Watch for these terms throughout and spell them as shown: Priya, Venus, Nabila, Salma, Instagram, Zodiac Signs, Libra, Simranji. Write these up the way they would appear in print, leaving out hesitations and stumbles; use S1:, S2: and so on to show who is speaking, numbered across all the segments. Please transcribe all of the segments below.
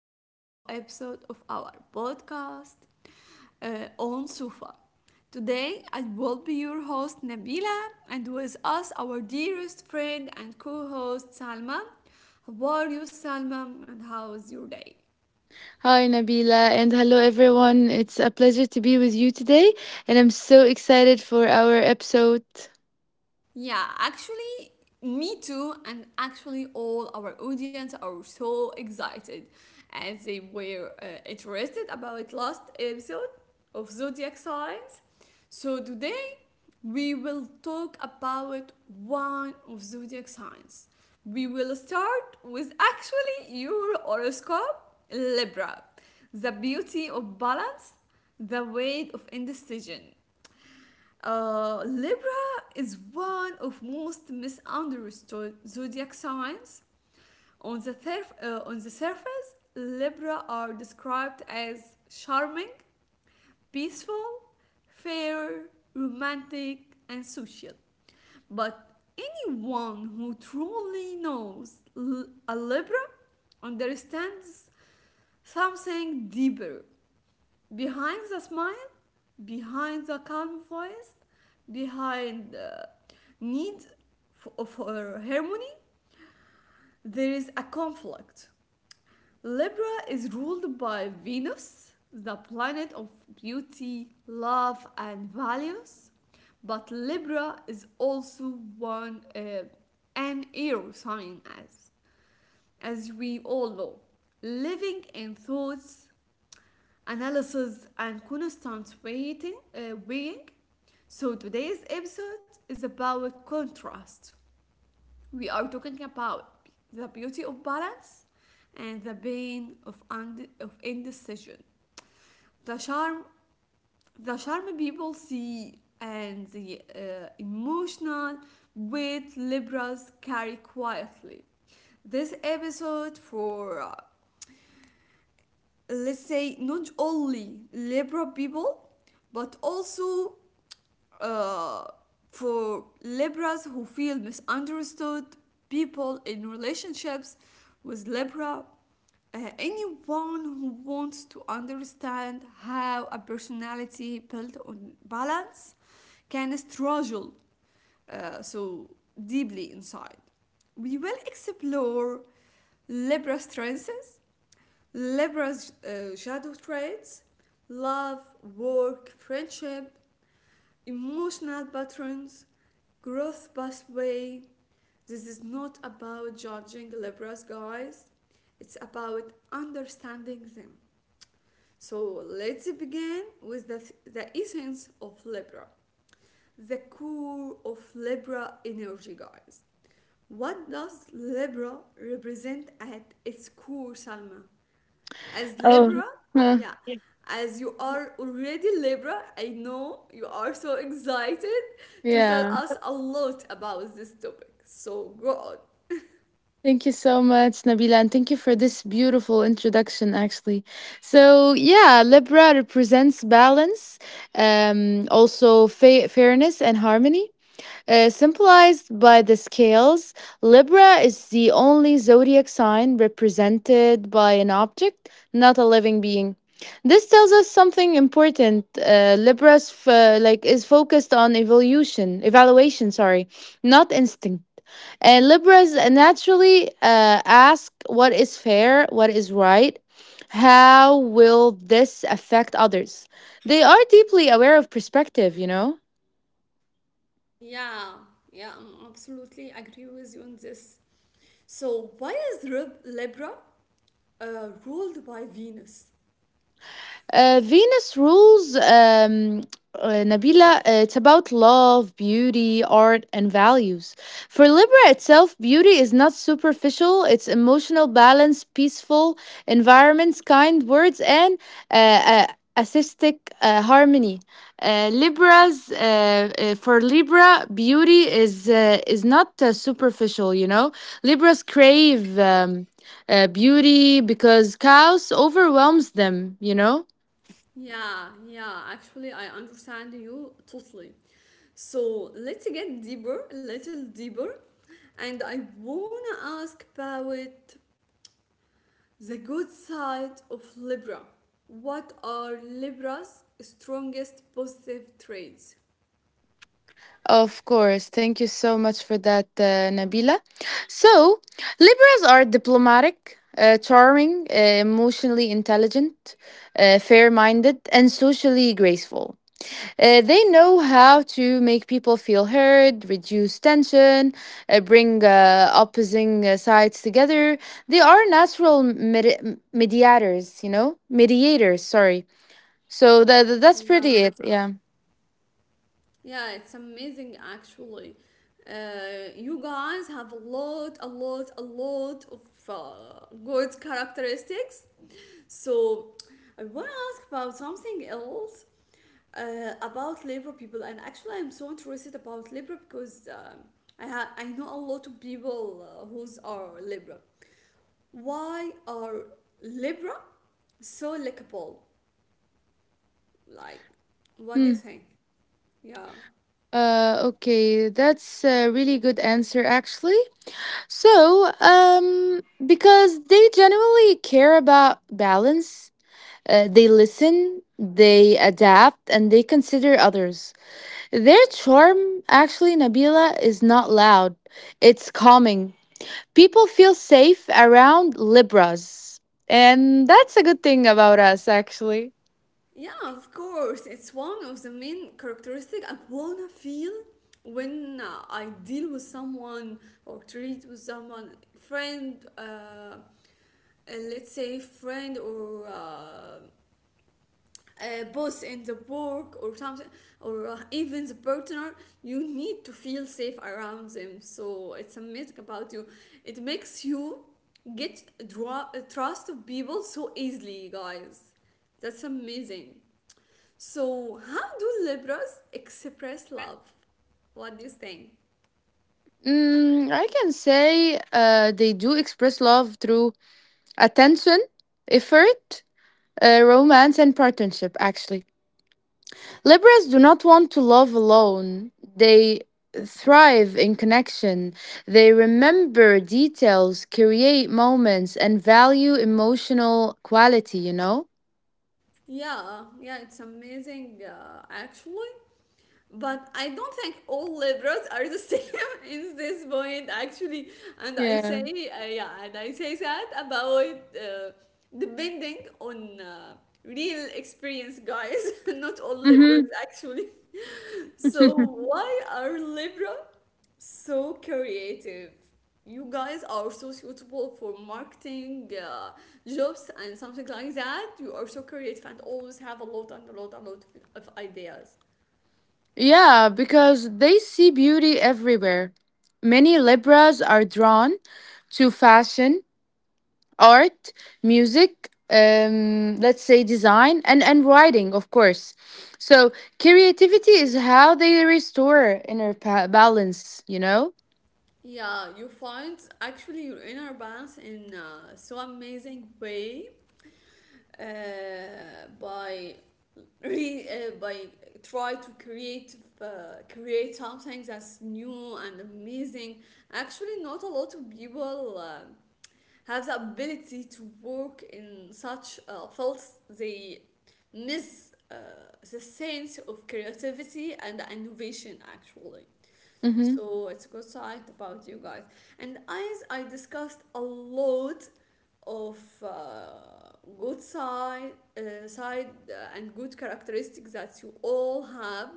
S1: to a new episode of our podcast on Sufa. Today, I will be your host Nabila, and with us, our dearest friend and co host Salma. How are you, Salma, and how is your day?
S2: Hi, Nabila, and hello, everyone. It's a pleasure to be with you today, and I'm so excited for our episode.
S1: Yeah, actually, me too, and actually, all our audience are so excited as they were interested about last episode of Zodiac Signs. So, today we will talk about one of Zodiac Signs. We will start with actually your horoscope, Libra, the beauty of balance, the weight of indecision. Libra is one of most misunderstood zodiac signs. On the surface, Libra are described as charming, peaceful, fair, romantic, and social. But anyone who truly knows a Libra understands something deeper behind the smile, behind the calm voice, behind the need for harmony, there is a conflict. Libra is ruled by Venus, the planet of beauty, love, and values. But Libra is also one an air sign, as we all know, living in thoughts analysis and constant weighing. So today's episode is about contrast. We are talking about the beauty of balance and the pain of indecision. The charm, the charm people see, and the emotional weight Libras carry quietly. This episode for let's say not only Libra people but also uh, for Libras who feel misunderstood, people in relationships with Libra, anyone who wants to understand how a personality built on balance can struggle so deeply inside. We will explore Libra strengths, Libra's shadow traits, love, work, friendship, emotional patterns, growth pathway. This is not about judging Libras, guys. It's about understanding them. So let's begin with the essence of Libra, the core of Libra energy, guys. What does Libra represent at its core, Salma? As Libra,
S2: Oh, huh.
S1: yeah, as you are already Libra, I know you are so excited to tell
S2: Yeah.
S1: us a lot about this topic. So go on.
S2: Thank you so much, Nabila, and thank you for this beautiful introduction, actually. So, yeah, Libra represents balance, also fairness and harmony. Symbolized by the scales, Libra is the only zodiac sign represented by an object, not a living being. This tells us something important. Libra's like is focused on evolution, evaluation, sorry, not instinct. And Libras naturally ask what is fair, what is right, how will this affect others. They are deeply aware of perspective, you know.
S1: Yeah, yeah, I'm absolutely agree with you on this. So why is Libra ruled by Venus?
S2: Venus rules, Nabila, it's about love, beauty, art, and values. For Libra itself, beauty is not superficial, it's emotional balance, peaceful environments, kind words, and uh, uh, assistic harmony. Libra's for Libra, beauty is not superficial. Libras crave beauty because chaos overwhelms them.
S1: Yeah, yeah, actually, I understand you totally. So let's get deeper, a little deeper, and I wanna ask about the good side of Libra. What are Libra's strongest positive traits?
S2: Of course. Thank you so much for that, Nabila. So, Libras are diplomatic, charming, emotionally intelligent, fair minded, and socially graceful. They know how to make people feel heard, reduce tension, bring opposing sides together. They are natural mediators, you know? Mediators, sorry. So, that's pretty
S1: Yeah,
S2: it. Yeah.
S1: yeah, it's amazing actually. You guys have a lot, a lot, a lot of good characteristics. So, I want to ask about something else about Libra people, and actually, I'm so interested about Libra because I know a lot of people who's are Libra. Why are Libra so likable? Like, what do you
S2: Hmm.
S1: think? Yeah.
S2: Okay, that's a really good answer, actually. So, because they generally care about balance, they listen, they adapt, and they consider others. Their charm, actually, Nabila, is not loud, it's calming. People feel safe around Libras, and that's a good thing about us, actually.
S1: Yeah, of course. It's one of the main characteristics I wanna feel when I deal with someone or treat with someone, friend, let's say friend or boss in the work or something, or even the partner. You need to feel safe around them, so it's amazing about you. It makes you get draw, trust of people so easily, guys. That's amazing. So how do Libras express love? What do you think?
S2: I can say they do express love through attention, effort, romance, and partnership, actually. Libras do not want to love alone. They thrive in connection. They remember details, create moments, and value emotional quality, you know?
S1: Yeah, yeah, it's amazing actually. But I don't think all Libras are the same in this point, actually. And I
S2: Yeah.
S1: say, yeah, and I say that about depending on real experience, guys. Not all Libras
S2: Mm-hmm.
S1: actually. So, why are Libra so creative? You guys are so suitable for marketing jobs and something like that. You are so creative and always have a lot and a lot and a lot of ideas.
S2: Yeah, because they see beauty everywhere. Many Libras are drawn to fashion, art, music, let's say design, and writing, of course. So creativity is how they restore inner balance, you know?
S1: Yeah, you find actually your inner balance in so amazing way uh, by by try to create create something that's new and amazing. Actually, not a lot of people have the ability to work in such fields. They miss the sense of creativity and innovation actually.
S2: Hmm.
S1: So it's a good site about you guys. And as I discussed a lot of good side, side and good characteristics that you all have,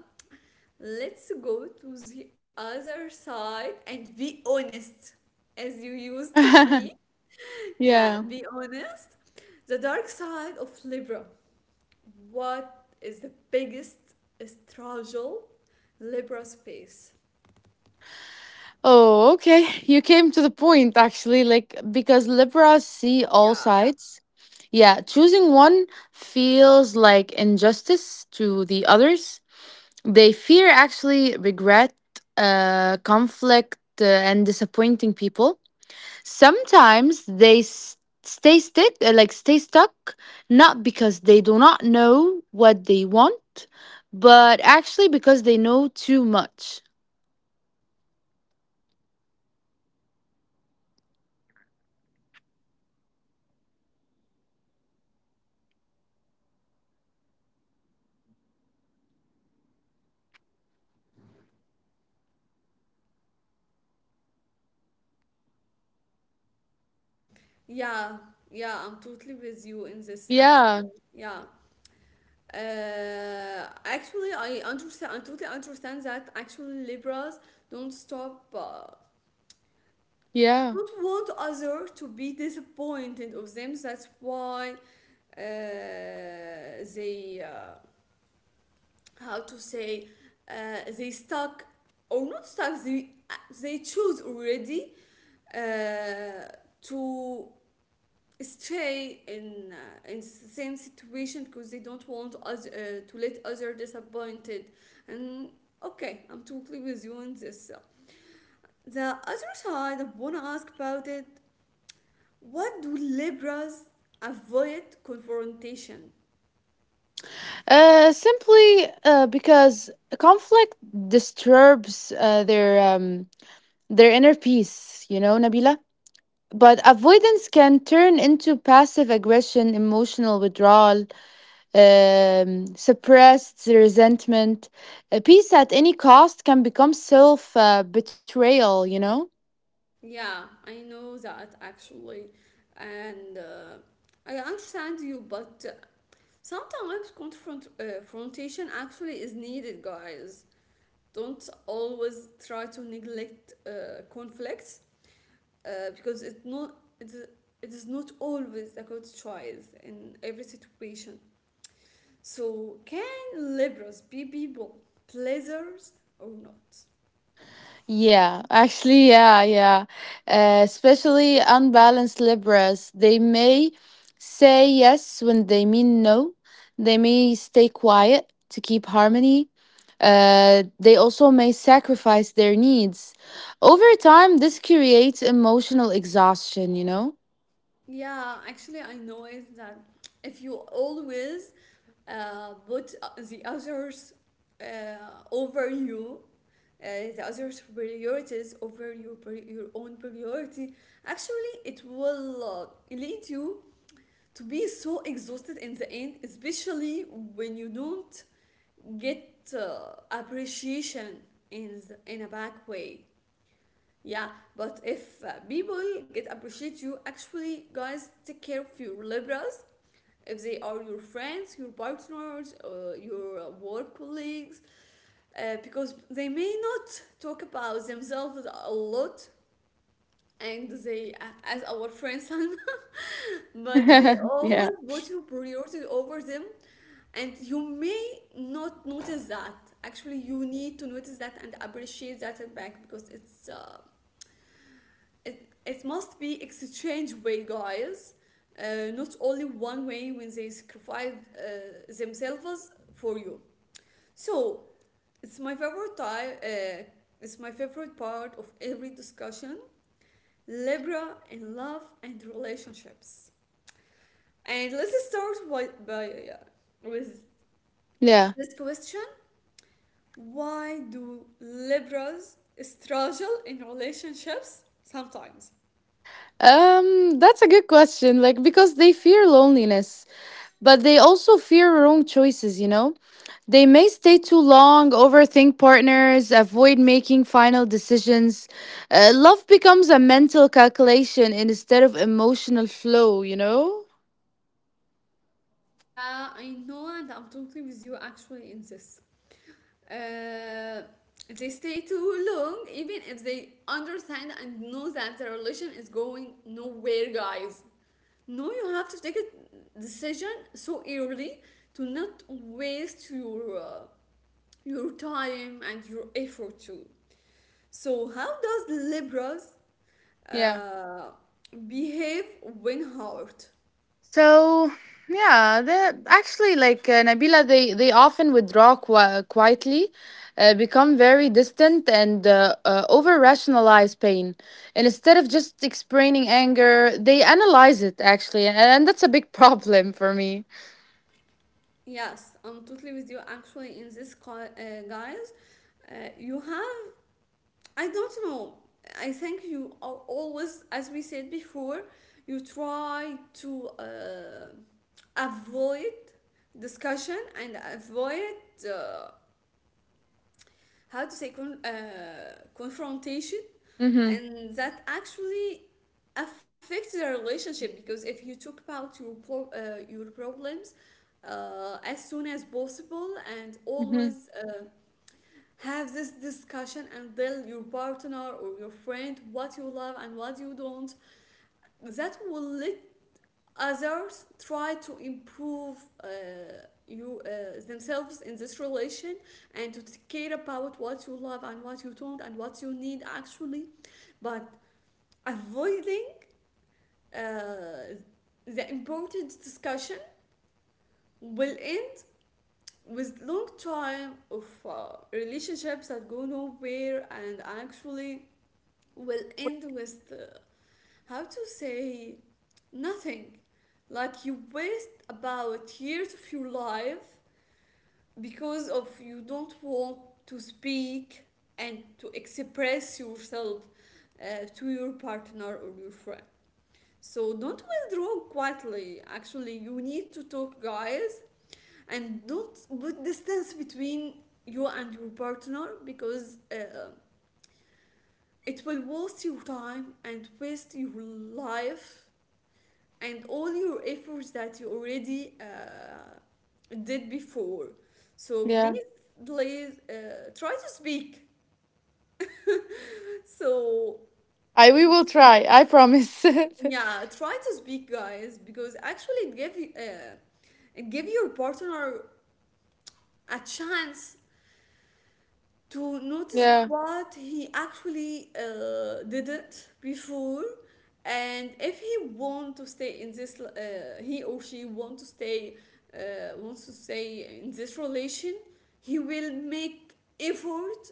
S1: let's go to the other side and be honest as you used to be. Yeah,
S2: Yeah.
S1: be honest. The dark side of Libra. What is the biggest struggle Libra space?
S2: Oh, okay. You came to the point actually, like because Libras see all
S1: Yeah,
S2: sides. Yeah, choosing one feels like injustice to the others. They fear actually regret, conflict, and disappointing people. Sometimes they s- stay stick like stay stuck not because they do not know what they want, but actually because they know too much.
S1: yeah, yeah, I'm totally with you in this
S2: Yeah,
S1: actually. Yeah. Actually, I understand, I totally understand that actually Libras don't stop,
S2: yeah.
S1: don't want other to be disappointed of them. That's why uh, they, uh, how to say, they stuck or not stuck, they choose already uh, to stay in same situation because they don't want us to let other disappointed, and okay, I'm totally with you on this. So, the other side I want to ask about it, what do Libras avoid confrontation?
S2: Simply because conflict disturbs their inner peace, Nabila. But avoidance can turn into passive aggression, emotional withdrawal, suppressed resentment. Peace at any cost can become self betrayal, you know?
S1: Yeah, I know that actually, and I understand you, but sometimes confrontation actually is needed, guys. Don't always try to neglect conflicts because it is not always a good choice in every situation. So can liberals be people pleasers or not?
S2: Yeah, actually, yeah, yeah. Especially unbalanced Libras, they may say yes when they mean no. They may stay quiet to keep harmony. They also may sacrifice their needs. Over time, this creates emotional exhaustion, you know?
S1: Yeah, actually, I noticed that if you always put the others uh, over you, uh, the others' priorities over your own priority, actually, it will lead you to be so exhausted in the end, especially when you don't get appreciation in in a bad way. Yeah, but if people get appreciate you, actually, guys, take care of your liberals. If they are your friends, your partners, your work colleagues, because they may not talk about themselves a lot, and they, as our friend Salma, but they
S2: Yeah.
S1: always put your priority over them, and you may not notice that. Actually, you need to notice that and appreciate that and back because it's it must be exchange way, guys, not only one way when they sacrifice themselves for you. So it's my favorite type it's my favorite part of every discussion, Libra in love and relationships. And let's start with, with
S2: Yeah.
S1: this question, why do Libras struggle in relationships sometimes?
S2: That's a good question. Like, because they fear loneliness, but they also fear wrong choices, you know? They may stay too long, overthink partners, avoid making final decisions. Love becomes a mental calculation instead of emotional flow, you know?
S1: Yeah, I know, and I'm totally with you actually in this. Uh, they stay too long, even if they understand and know that the relation is going nowhere, guys. No, you have to take a decision so early to not waste your time and your effort too. So, how does Libras
S2: Yeah.
S1: uh, behave when hurt?
S2: So yeah, the actually, like, Nabila, they often withdraw quietly, become very distant, and over rationalize pain. And instead of just explaining anger, they analyze it actually, and, that's a big problem for me.
S1: Yes, I'm totally with you. Actually, in this, guys, you have, I don't know, I think you are always, as we said before, you try to avoid discussion and avoid, uh, how to say, confrontation,
S2: Mhm.
S1: and that actually affects the relationship. Because if you talk about your problems as soon as possible, and
S2: Mhm.
S1: always have this discussion and tell your partner or your friend what you love and what you don't, that will let others try to improve uh, you themselves in this relation, and to take care about what you love and what you don't and what you need actually. But avoiding uh, the important discussion will end with long time of relationships that go nowhere, and actually will end with how to say, nothing. Like you waste about years of your life because of you don't want to speak and to express yourself to your partner or your friend. So don't withdraw quietly. Actually, you need to talk, guys, and don't put distance between you and your partner because it will waste your time and waste your life and all your efforts that you already did before. So
S2: Yeah.
S1: please, please try to speak. So
S2: I we will try. I promise.
S1: yeah, try to speak, guys, because actually it give you. And give your partner a chance to notice
S2: Yeah.
S1: what he actually didn't before, and if he want to stay in this, he or she want to stay wants to stay in this relation, he will make effort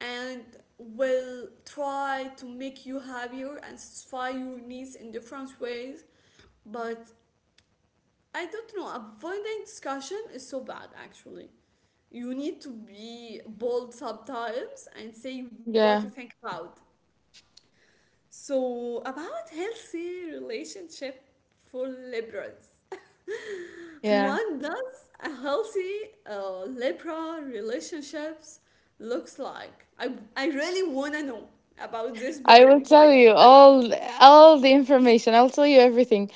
S1: and will try to make you happier and satisfy your needs in different ways. But I don't know, avoiding discussion is so bad, actually. You need to be bold sometimes and say what you
S2: Yeah.
S1: think about. So, about healthy relationship for liberals.
S2: Yeah.
S1: One does a healthy Libra relationships looks like. I really wanna know about this
S2: I will
S1: point.
S2: tell you all the information. I'll tell you everything.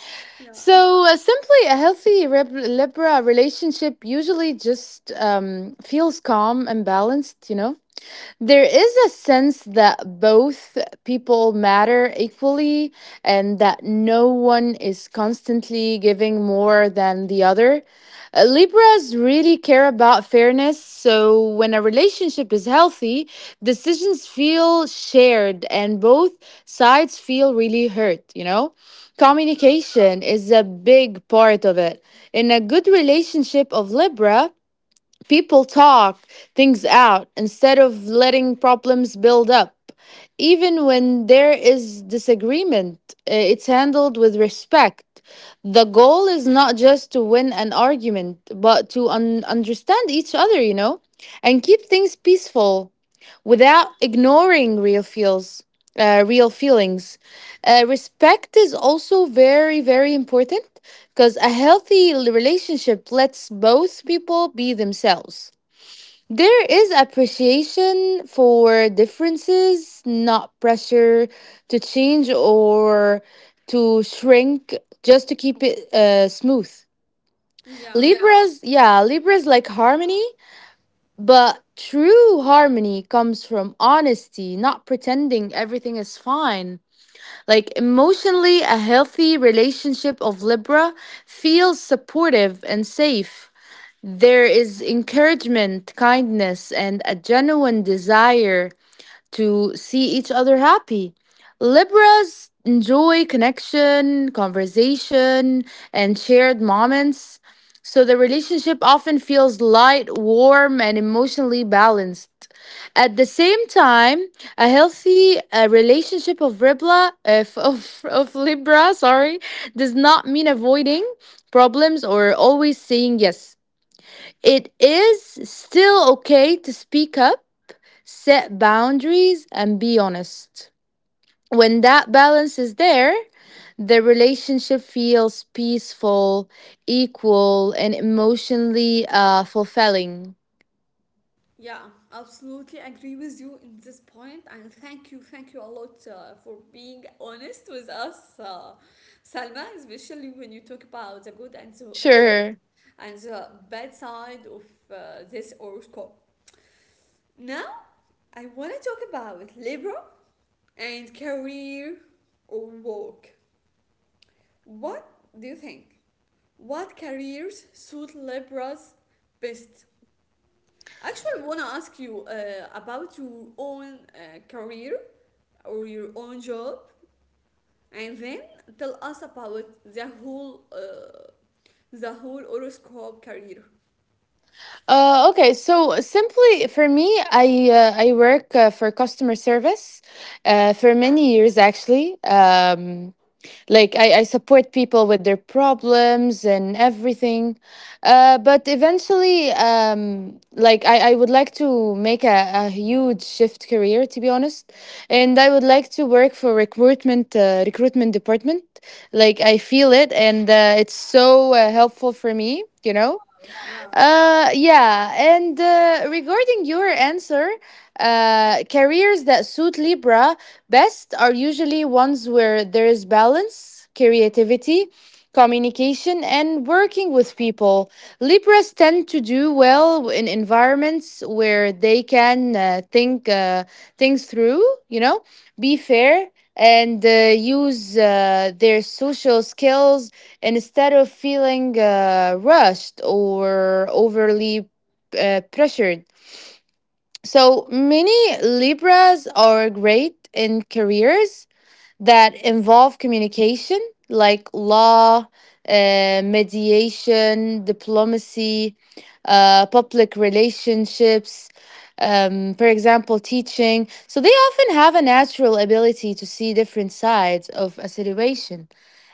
S1: Yeah.
S2: So simply, a healthy Libra relationship usually just feels calm and balanced, you know? There is a sense that both people matter equally and that no one is constantly giving more than the other. Libras really care about fairness, so when a relationship is healthy, decisions feel shared and both sides feel really hurt, you know? Communication is a big part of it. In a good relationship of Libra, people talk things out instead of letting problems build up. Even when there is disagreement, it's handled with respect. The goal is not just to win an argument, but to understand each other, and keep things peaceful without ignoring real feelings. Respect is also very, very important, because a healthy relationship lets both people be themselves. There is appreciation for differences, not pressure to change or to shrink just to keep it smooth.
S1: Yeah.
S2: Libras, yeah, Libras like harmony, but true harmony comes from honesty, not pretending everything is fine. Like emotionally, a healthy relationship of Libra feels supportive and safe. There is encouragement, kindness, and a genuine desire to see each other happy. Libras enjoy connection, conversation, and shared moments. So the relationship often feels light, warm, and emotionally balanced. At the same time, a healthy relationship of Libra, of Libra, sorry, does not mean avoiding problems or always saying yes. It is still okay to speak up, set boundaries, and be honest. When that balance is there, the relationship feels peaceful, equal, and emotionally fulfilling.
S1: Yeah, absolutely agree with you in this point, and thank you a lot for being honest with us, Salma. Especially when you talk about the good and the
S2: Sure.
S1: and the bad side of this horoscope. Now, I want to talk about Libra and career or work. What do you think? What careers suit Libras best? Actually, I want to ask you about your own career or your own job, and then tell us about the whole horoscope career.
S2: Okay. So simply for me, I work for customer service for many years actually. Like I support people with their problems and everything, but eventually, like I would like to make a huge shift career, to be honest, and I would like to work for recruitment department. Like I feel it, and it's so helpful for me.
S1: Yeah,
S2: Yeah, and regarding your answer, careers that suit Libra best are usually ones where there is balance, creativity, communication, and working with people. Libras tend to do well in environments where they can think things through, you know, be fair, and use their social skills instead of feeling rushed or overly pressured. So many Libras are great in careers that involve communication, like law, mediation, diplomacy, public relationships, for example, teaching. So they often have a natural ability to see different sides of a situation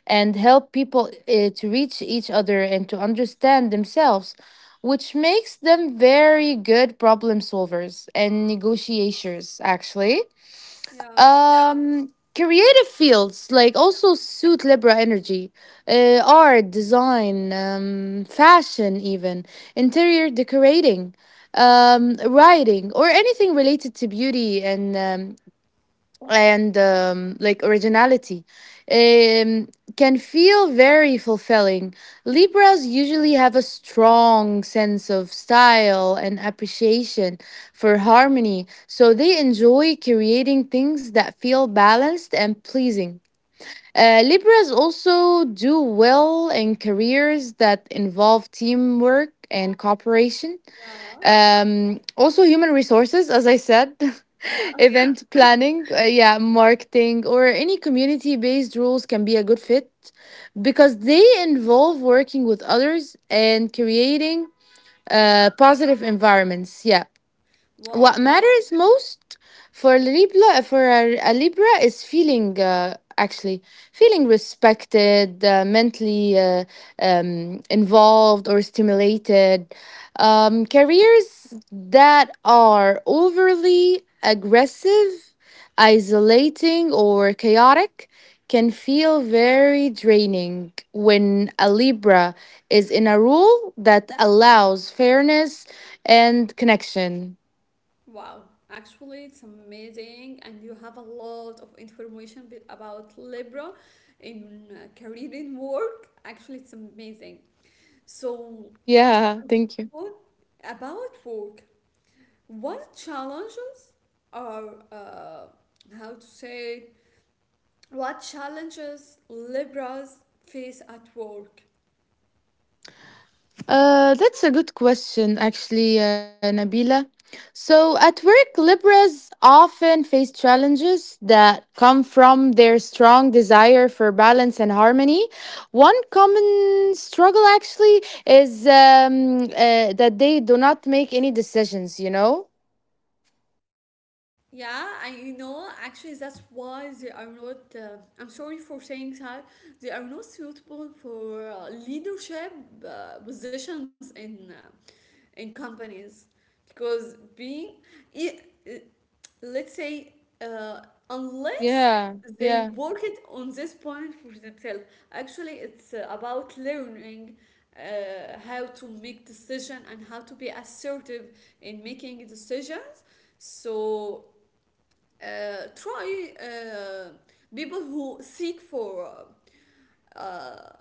S2: and help people to reach each other and to understand themselves, which makes them very good problem solvers and negotiators, actually.
S1: yeah,
S2: Um, Creative fields like also suit Libra energy, art, design, fashion, even interior decorating, writing, or anything related to beauty and, like originality, um, can feel very fulfilling. Libras usually have a strong sense of style and appreciation for harmony, so they enjoy creating things that feel balanced and pleasing. Libras also do well in careers that involve teamwork and cooperation.
S1: yeah,
S2: Also, human resources, as I said.
S1: yeah,
S2: Event planning, yeah, marketing, or any community based roles can be a good fit because they involve working with others and creating
S1: yeah.
S2: positive environments. Yeah. What
S1: Wow,
S2: matters most for Libra, for a Libra, is feeling actually feeling respected, mentally involved or stimulated. Careers that are overly aggressive, isolating, or chaotic can feel very draining when a Libra is in a role that allows fairness and connection.
S1: wow. Actually, it's amazing, and you have a lot of information bit about Libra in career in work. Actually, it's amazing. So,
S2: Yeah, thank you.
S1: what about work? What challenges are, how to say, what challenges Libras face at work?
S2: That's a good question, actually, Nabila. So, at work, Libras often face challenges that come from their strong desire for balance and harmony. One common struggle, actually, is that they do not make any decisions, you know?
S1: Yeah, actually, that's why they are not. I'm sorry for saying that they are not suitable for leadership positions in in companies because i- i- let's say, uh, unless
S2: Yeah,
S1: they
S2: yeah.
S1: work it on this point for themselves. Actually, it's about learning how to make decision and how to be assertive in making decisions. So try people who seek for uh,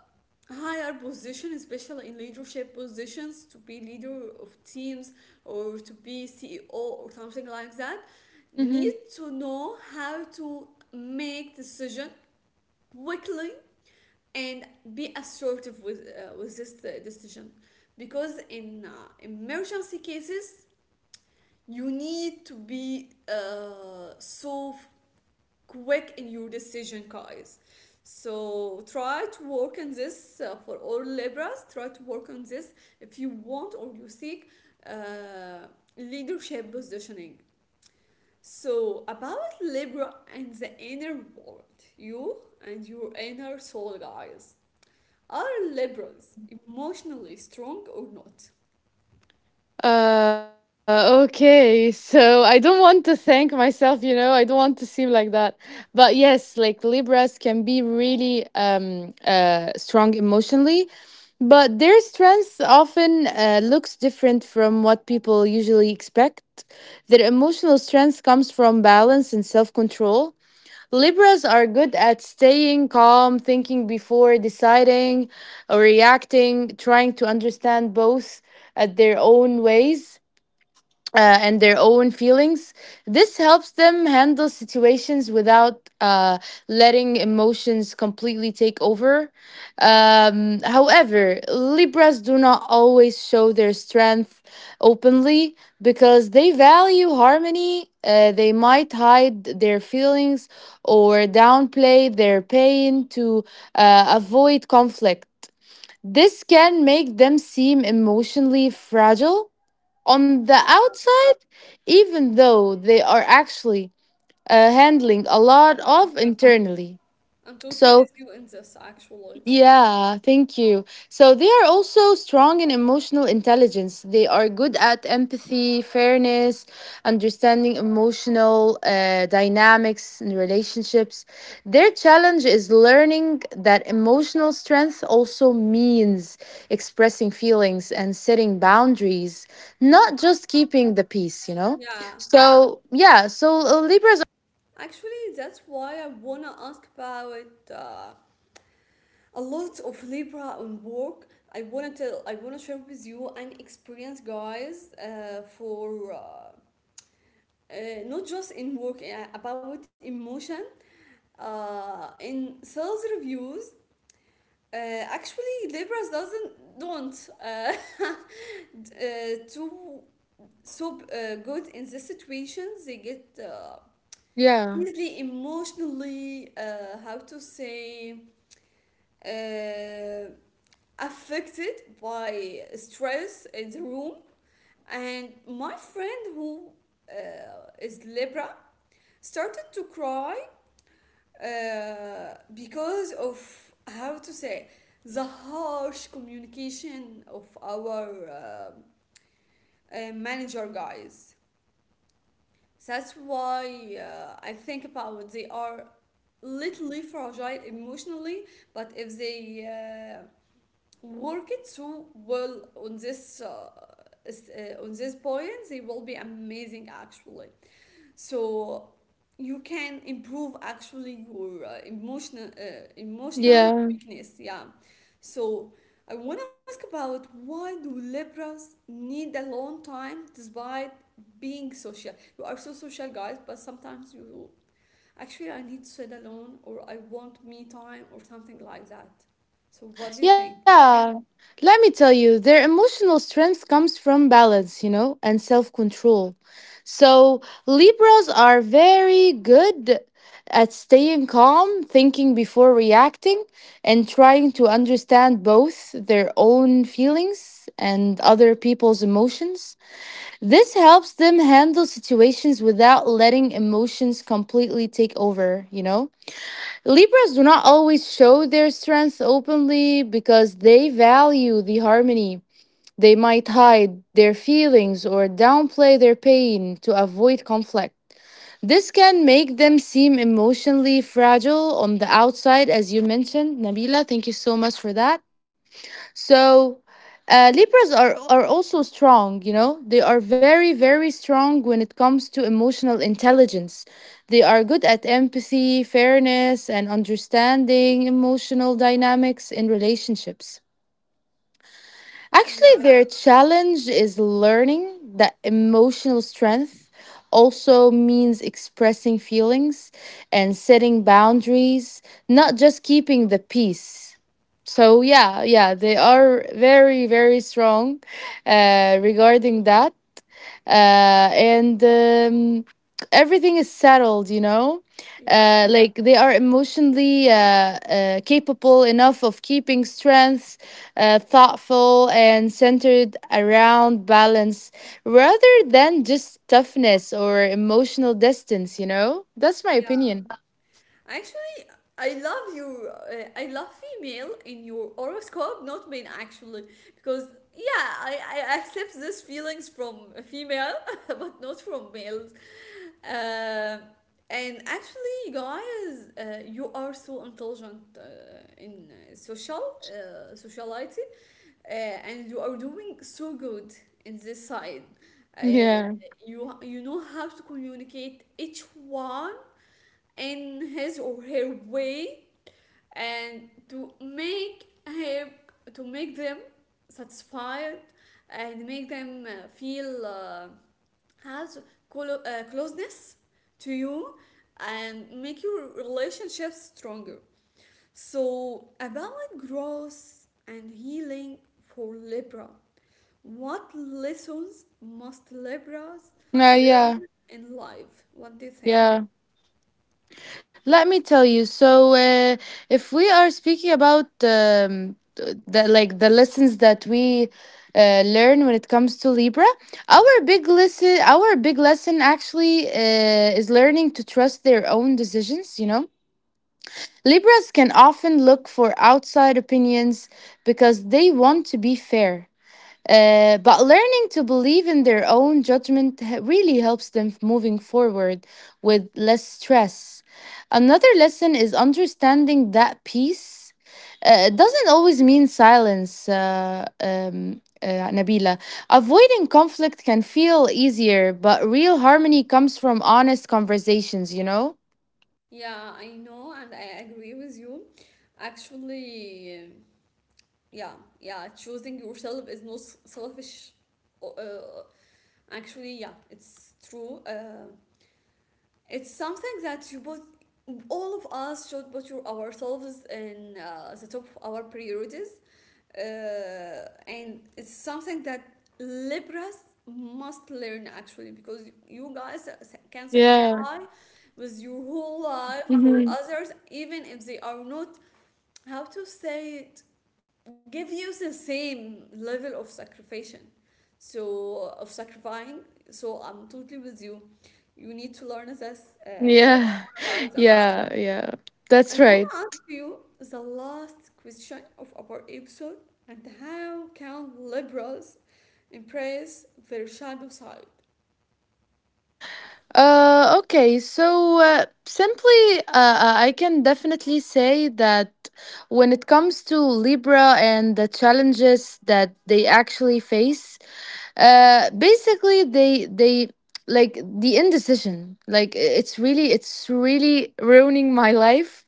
S1: higher position, especially in leadership positions, to be leader of teams or to be CEO or something like that, need to know how to make decision quickly and be assertive with this decision because in emergency cases you need to be so quick in your decision, guys. So try to work on this for all Libras. Try to work on this if you want or you seek uh, leadership positioning. So about Libra and the inner world, you and your inner soul, guys. Are Libras emotionally strong or not?
S2: Okay. So I don't want to thank myself, I don't want to seem like that. But yes, like Libras can be really strong emotionally, but their strength often looks different from what people usually expect. Their emotional strength comes from balance and self-control. Libras are good at staying calm, thinking before deciding or reacting, trying to understand both at their own ways and their own feelings. This helps them handle situations without letting emotions completely take over. However, Libras do not always show their strength openly because they value harmony. They might hide their feelings or downplay their pain to avoid conflict. This can make them seem emotionally fragile on the outside, even though they are actually handling a lot of internally.
S1: I'm totally
S2: So
S1: with you in this, actually.
S2: yeah, thank you. So they are also strong in emotional intelligence. They are good at empathy, fairness, understanding emotional dynamics and relationships. Their challenge is learning that emotional strength also means expressing feelings and setting boundaries, not just keeping the peace, you know?
S1: Yeah,
S2: So, yeah, so Libras.
S1: actually, that's why I wanna ask about a lot of labor and work. I want to share with you an experience, guys, for not just in work, about emotion in sales reviews. Actually, laborers doesn't don't do so good in the situations. They get
S2: Yeah,
S1: easily emotionally, how to say uh, affected by stress in the room, and my friend who is Libra started to cry because of, how to say the harsh communication of our manager, guys. That's why I think about, they are little fragile emotionally, but if they uh, worked so well on this, on this point, they will be amazing actually. So you can improve actually your emotional
S2: yeah.
S1: weakness, yeah. So I want to ask about, why do Libras need a long time despite being social? You are so social, guys, but sometimes you, actually, I need to sit alone or I want me time or something like that. So what do you think?
S2: Yeah. Let me tell you, their emotional strength comes from balance, and self control. So, Libras are very good at staying calm, thinking before reacting, and trying to understand both their own feelings and other people's emotions. This helps them handle situations without letting emotions completely take over, you know? Libras do not always show their strength openly because they value the harmony. They might hide their feelings or downplay their pain to avoid conflict. This can make them seem emotionally fragile on the outside, as you mentioned, Nabila. Thank you so much for that. So, Libras are also strong, you know? They are very, very strong when it comes to emotional intelligence. They are good at empathy, fairness, and understanding emotional dynamics in relationships.
S1: Yeah.
S2: Actually, their challenge is learning that emotional strength also means expressing feelings and setting boundaries, not just keeping the peace. So yeah, yeah, they are very, very strong regarding that. And Everything is settled, you know. Like, they are emotionally capable enough of keeping strength, thoughtful and centered around balance rather than just toughness or emotional distance, you know. That's my
S1: Yeah.
S2: opinion.
S1: Actually, I love you. I love female in your horoscope, not male actually, because yeah, I accept these feelings from a female, but not from males. Uh, and actually, you guys, you are so intelligent in sociality, and you are doing so good in this side. Uh,
S2: Yeah.
S1: you you know how to communicate each one in his or her way, and to make him, to make them satisfied, and make them feel has closeness to you, and make your relationship stronger. So about growth and healing for Libra, what lessons must Libras learn
S2: Yeah,
S1: in life? What do you think?
S2: yeah. Let me tell you. So, if we are speaking about the lessons that we learn when it comes to Libra, our big lesson actually is learning to trust their own decisions. You know, Libras can often look for outside opinions because they want to be fair. But learning to believe in their own judgment really helps them moving forward with less stress. Another lesson is understanding that peace doesn't always mean silence, Nabila. Avoiding conflict can feel easier, but real harmony comes from honest conversations, you know?
S1: Yeah, I know, and I agree with you. Actually, yeah, yeah, choosing yourself is not selfish. Uh, actually, yeah, it's true. It's something that all of us should put your, ourselves in the top of our priorities. And it's something that Libras must learn actually, because you guys can sacrifice
S2: Yeah.
S1: with your whole life for
S2: Hmm.
S1: others, even if they are not, how to say it, give you the same level of sacrifice. So, of sacrificing. So, I'm totally with you. You need to learn this
S2: Yeah.
S1: about that.
S2: Yeah. Yeah.
S1: I
S2: That's
S1: want
S2: right.
S1: to ask you the last question of our episode, and how can liberals embrace their shadow side?
S2: Okay, so, simply, I can definitely say that when it comes to Libra and the challenges that they actually face, basically, they like the indecision. Like, it's really, it's really ruining my life,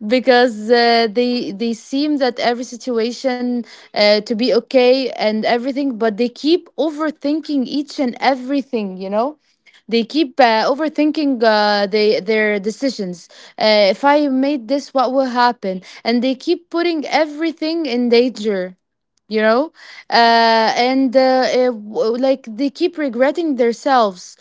S2: because they seem that every situation to be okay and everything, but they keep overthinking each and everything. You know, they keep overthinking their decisions. If I made this, what will happen? And they keep putting everything in danger. You know,
S1: Yeah,
S2: like, they keep regretting themselves,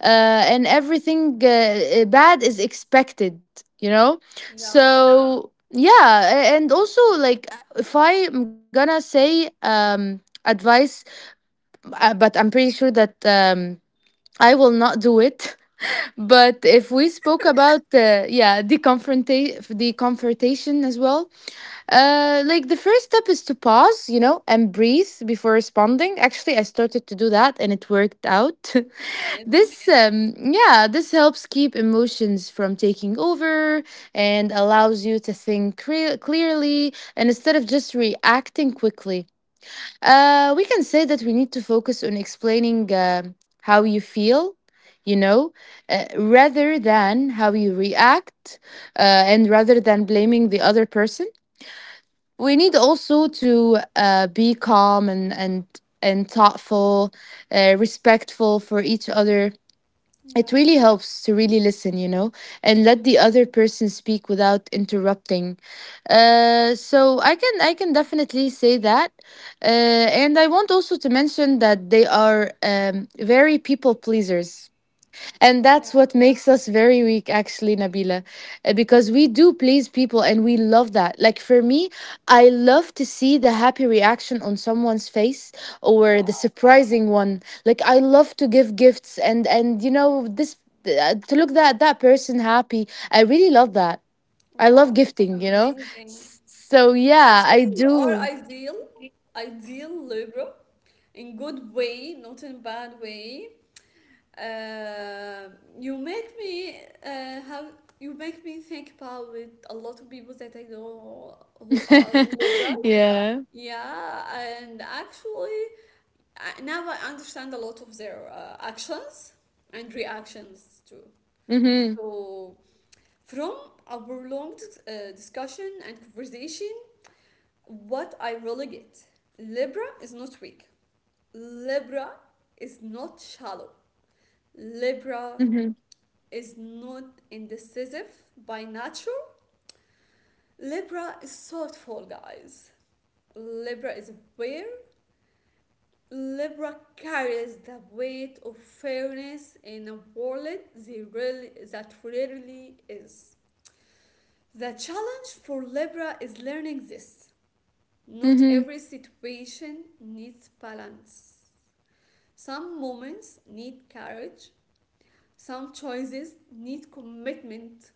S2: uh, and everything bad is expected. You know,
S1: yeah,
S2: so yeah, and also, like, if I'm gonna say advice, but I'm pretty sure that I will not do it. But if we spoke about yeah, the confrontation, the confrontation as well, like, the first step is to pause, you know, and breathe before responding. Actually, I started to do that, and it worked out.
S1: it's amazing.
S2: This yeah, this helps keep emotions from taking over and allows you to think clearly, and instead of just reacting quickly. We can say that we need to focus on explaining how you feel, you know, rather than how you react, and rather than blaming the other person. We need also to be calm and and thoughtful, respectful for each other. It
S1: Yeah,
S2: really helps to really listen, you know, and let the other person speak without interrupting. So I can definitely say that. And I want also to mention that they are very people pleasers, and
S1: yeah.
S2: that's what makes us very weak, actually, Nabila. Because we do please people, and we love that. Like, for me, I love to see the happy reaction on someone's face or the
S1: Wow,
S2: surprising one. Like, I love to give gifts, and you know this, to look that that person happy. I really love that. I love
S1: wow, it's
S2: gifting. You know,
S1: amazing.
S2: So yeah,
S1: Actually,
S2: I
S1: you are
S2: do.
S1: ideal, ideal liberal, in good way, not in bad way. Uh, you make me uh, have you make me think about with a lot of people that I know who are liberal.
S2: Yeah.
S1: Yeah, and actually I, now I understand a lot of their actions and reactions too.
S2: Mhm.
S1: So from our long discussion and conversation, what I really get, Libra is not weak. Libra is not shallow. Libra
S2: Mhm.
S1: is not indecisive by nature. Libra is thoughtful, guys. Libra is aware. Libra carries the weight of fairness in a world they really, that rarely is. The challenge for Libra is learning this. Not
S2: Mhm.
S1: every situation needs balance. Some moments need courage, some choices need commitment,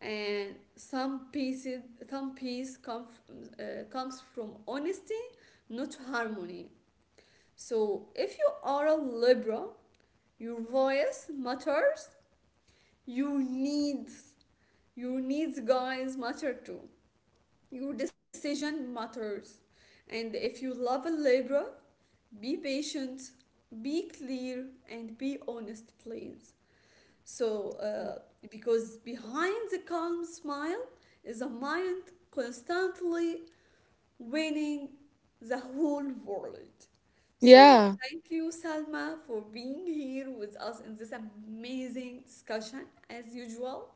S1: and some pieces, some peace come, comes from honesty, not harmony. So if you are a Libra, your voice matters, your needs, your needs, guys, matter too. Your decision matters. And if you love a Libra, be patient, be clear, and be honest, please. So, because behind the calm smile is a mind constantly winning the whole world. So,
S2: Yeah.
S1: thank you, Salma, for being here with us in this amazing discussion, as usual.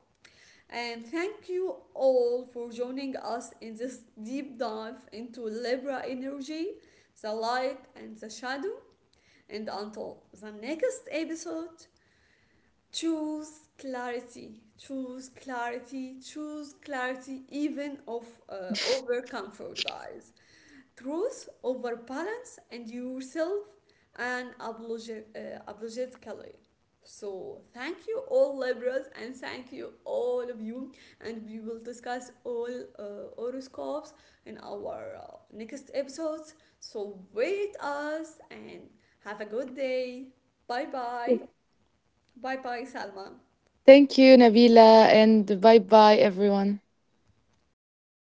S1: And thank you all for joining us in this deep dive into Libra energy, the light and the shadow. And until the next episode, choose clarity, choose clarity, choose clarity, even of, over comfort, guys, truth over balance, and yourself, and apologetically. So thank you all Libras, and thank you all of you, and we will discuss all uh, horoscopes in our next episodes. So wait us, and have a good day. Bye bye. Bye bye, Salma.
S2: Thank you, Nabila, and bye bye, everyone.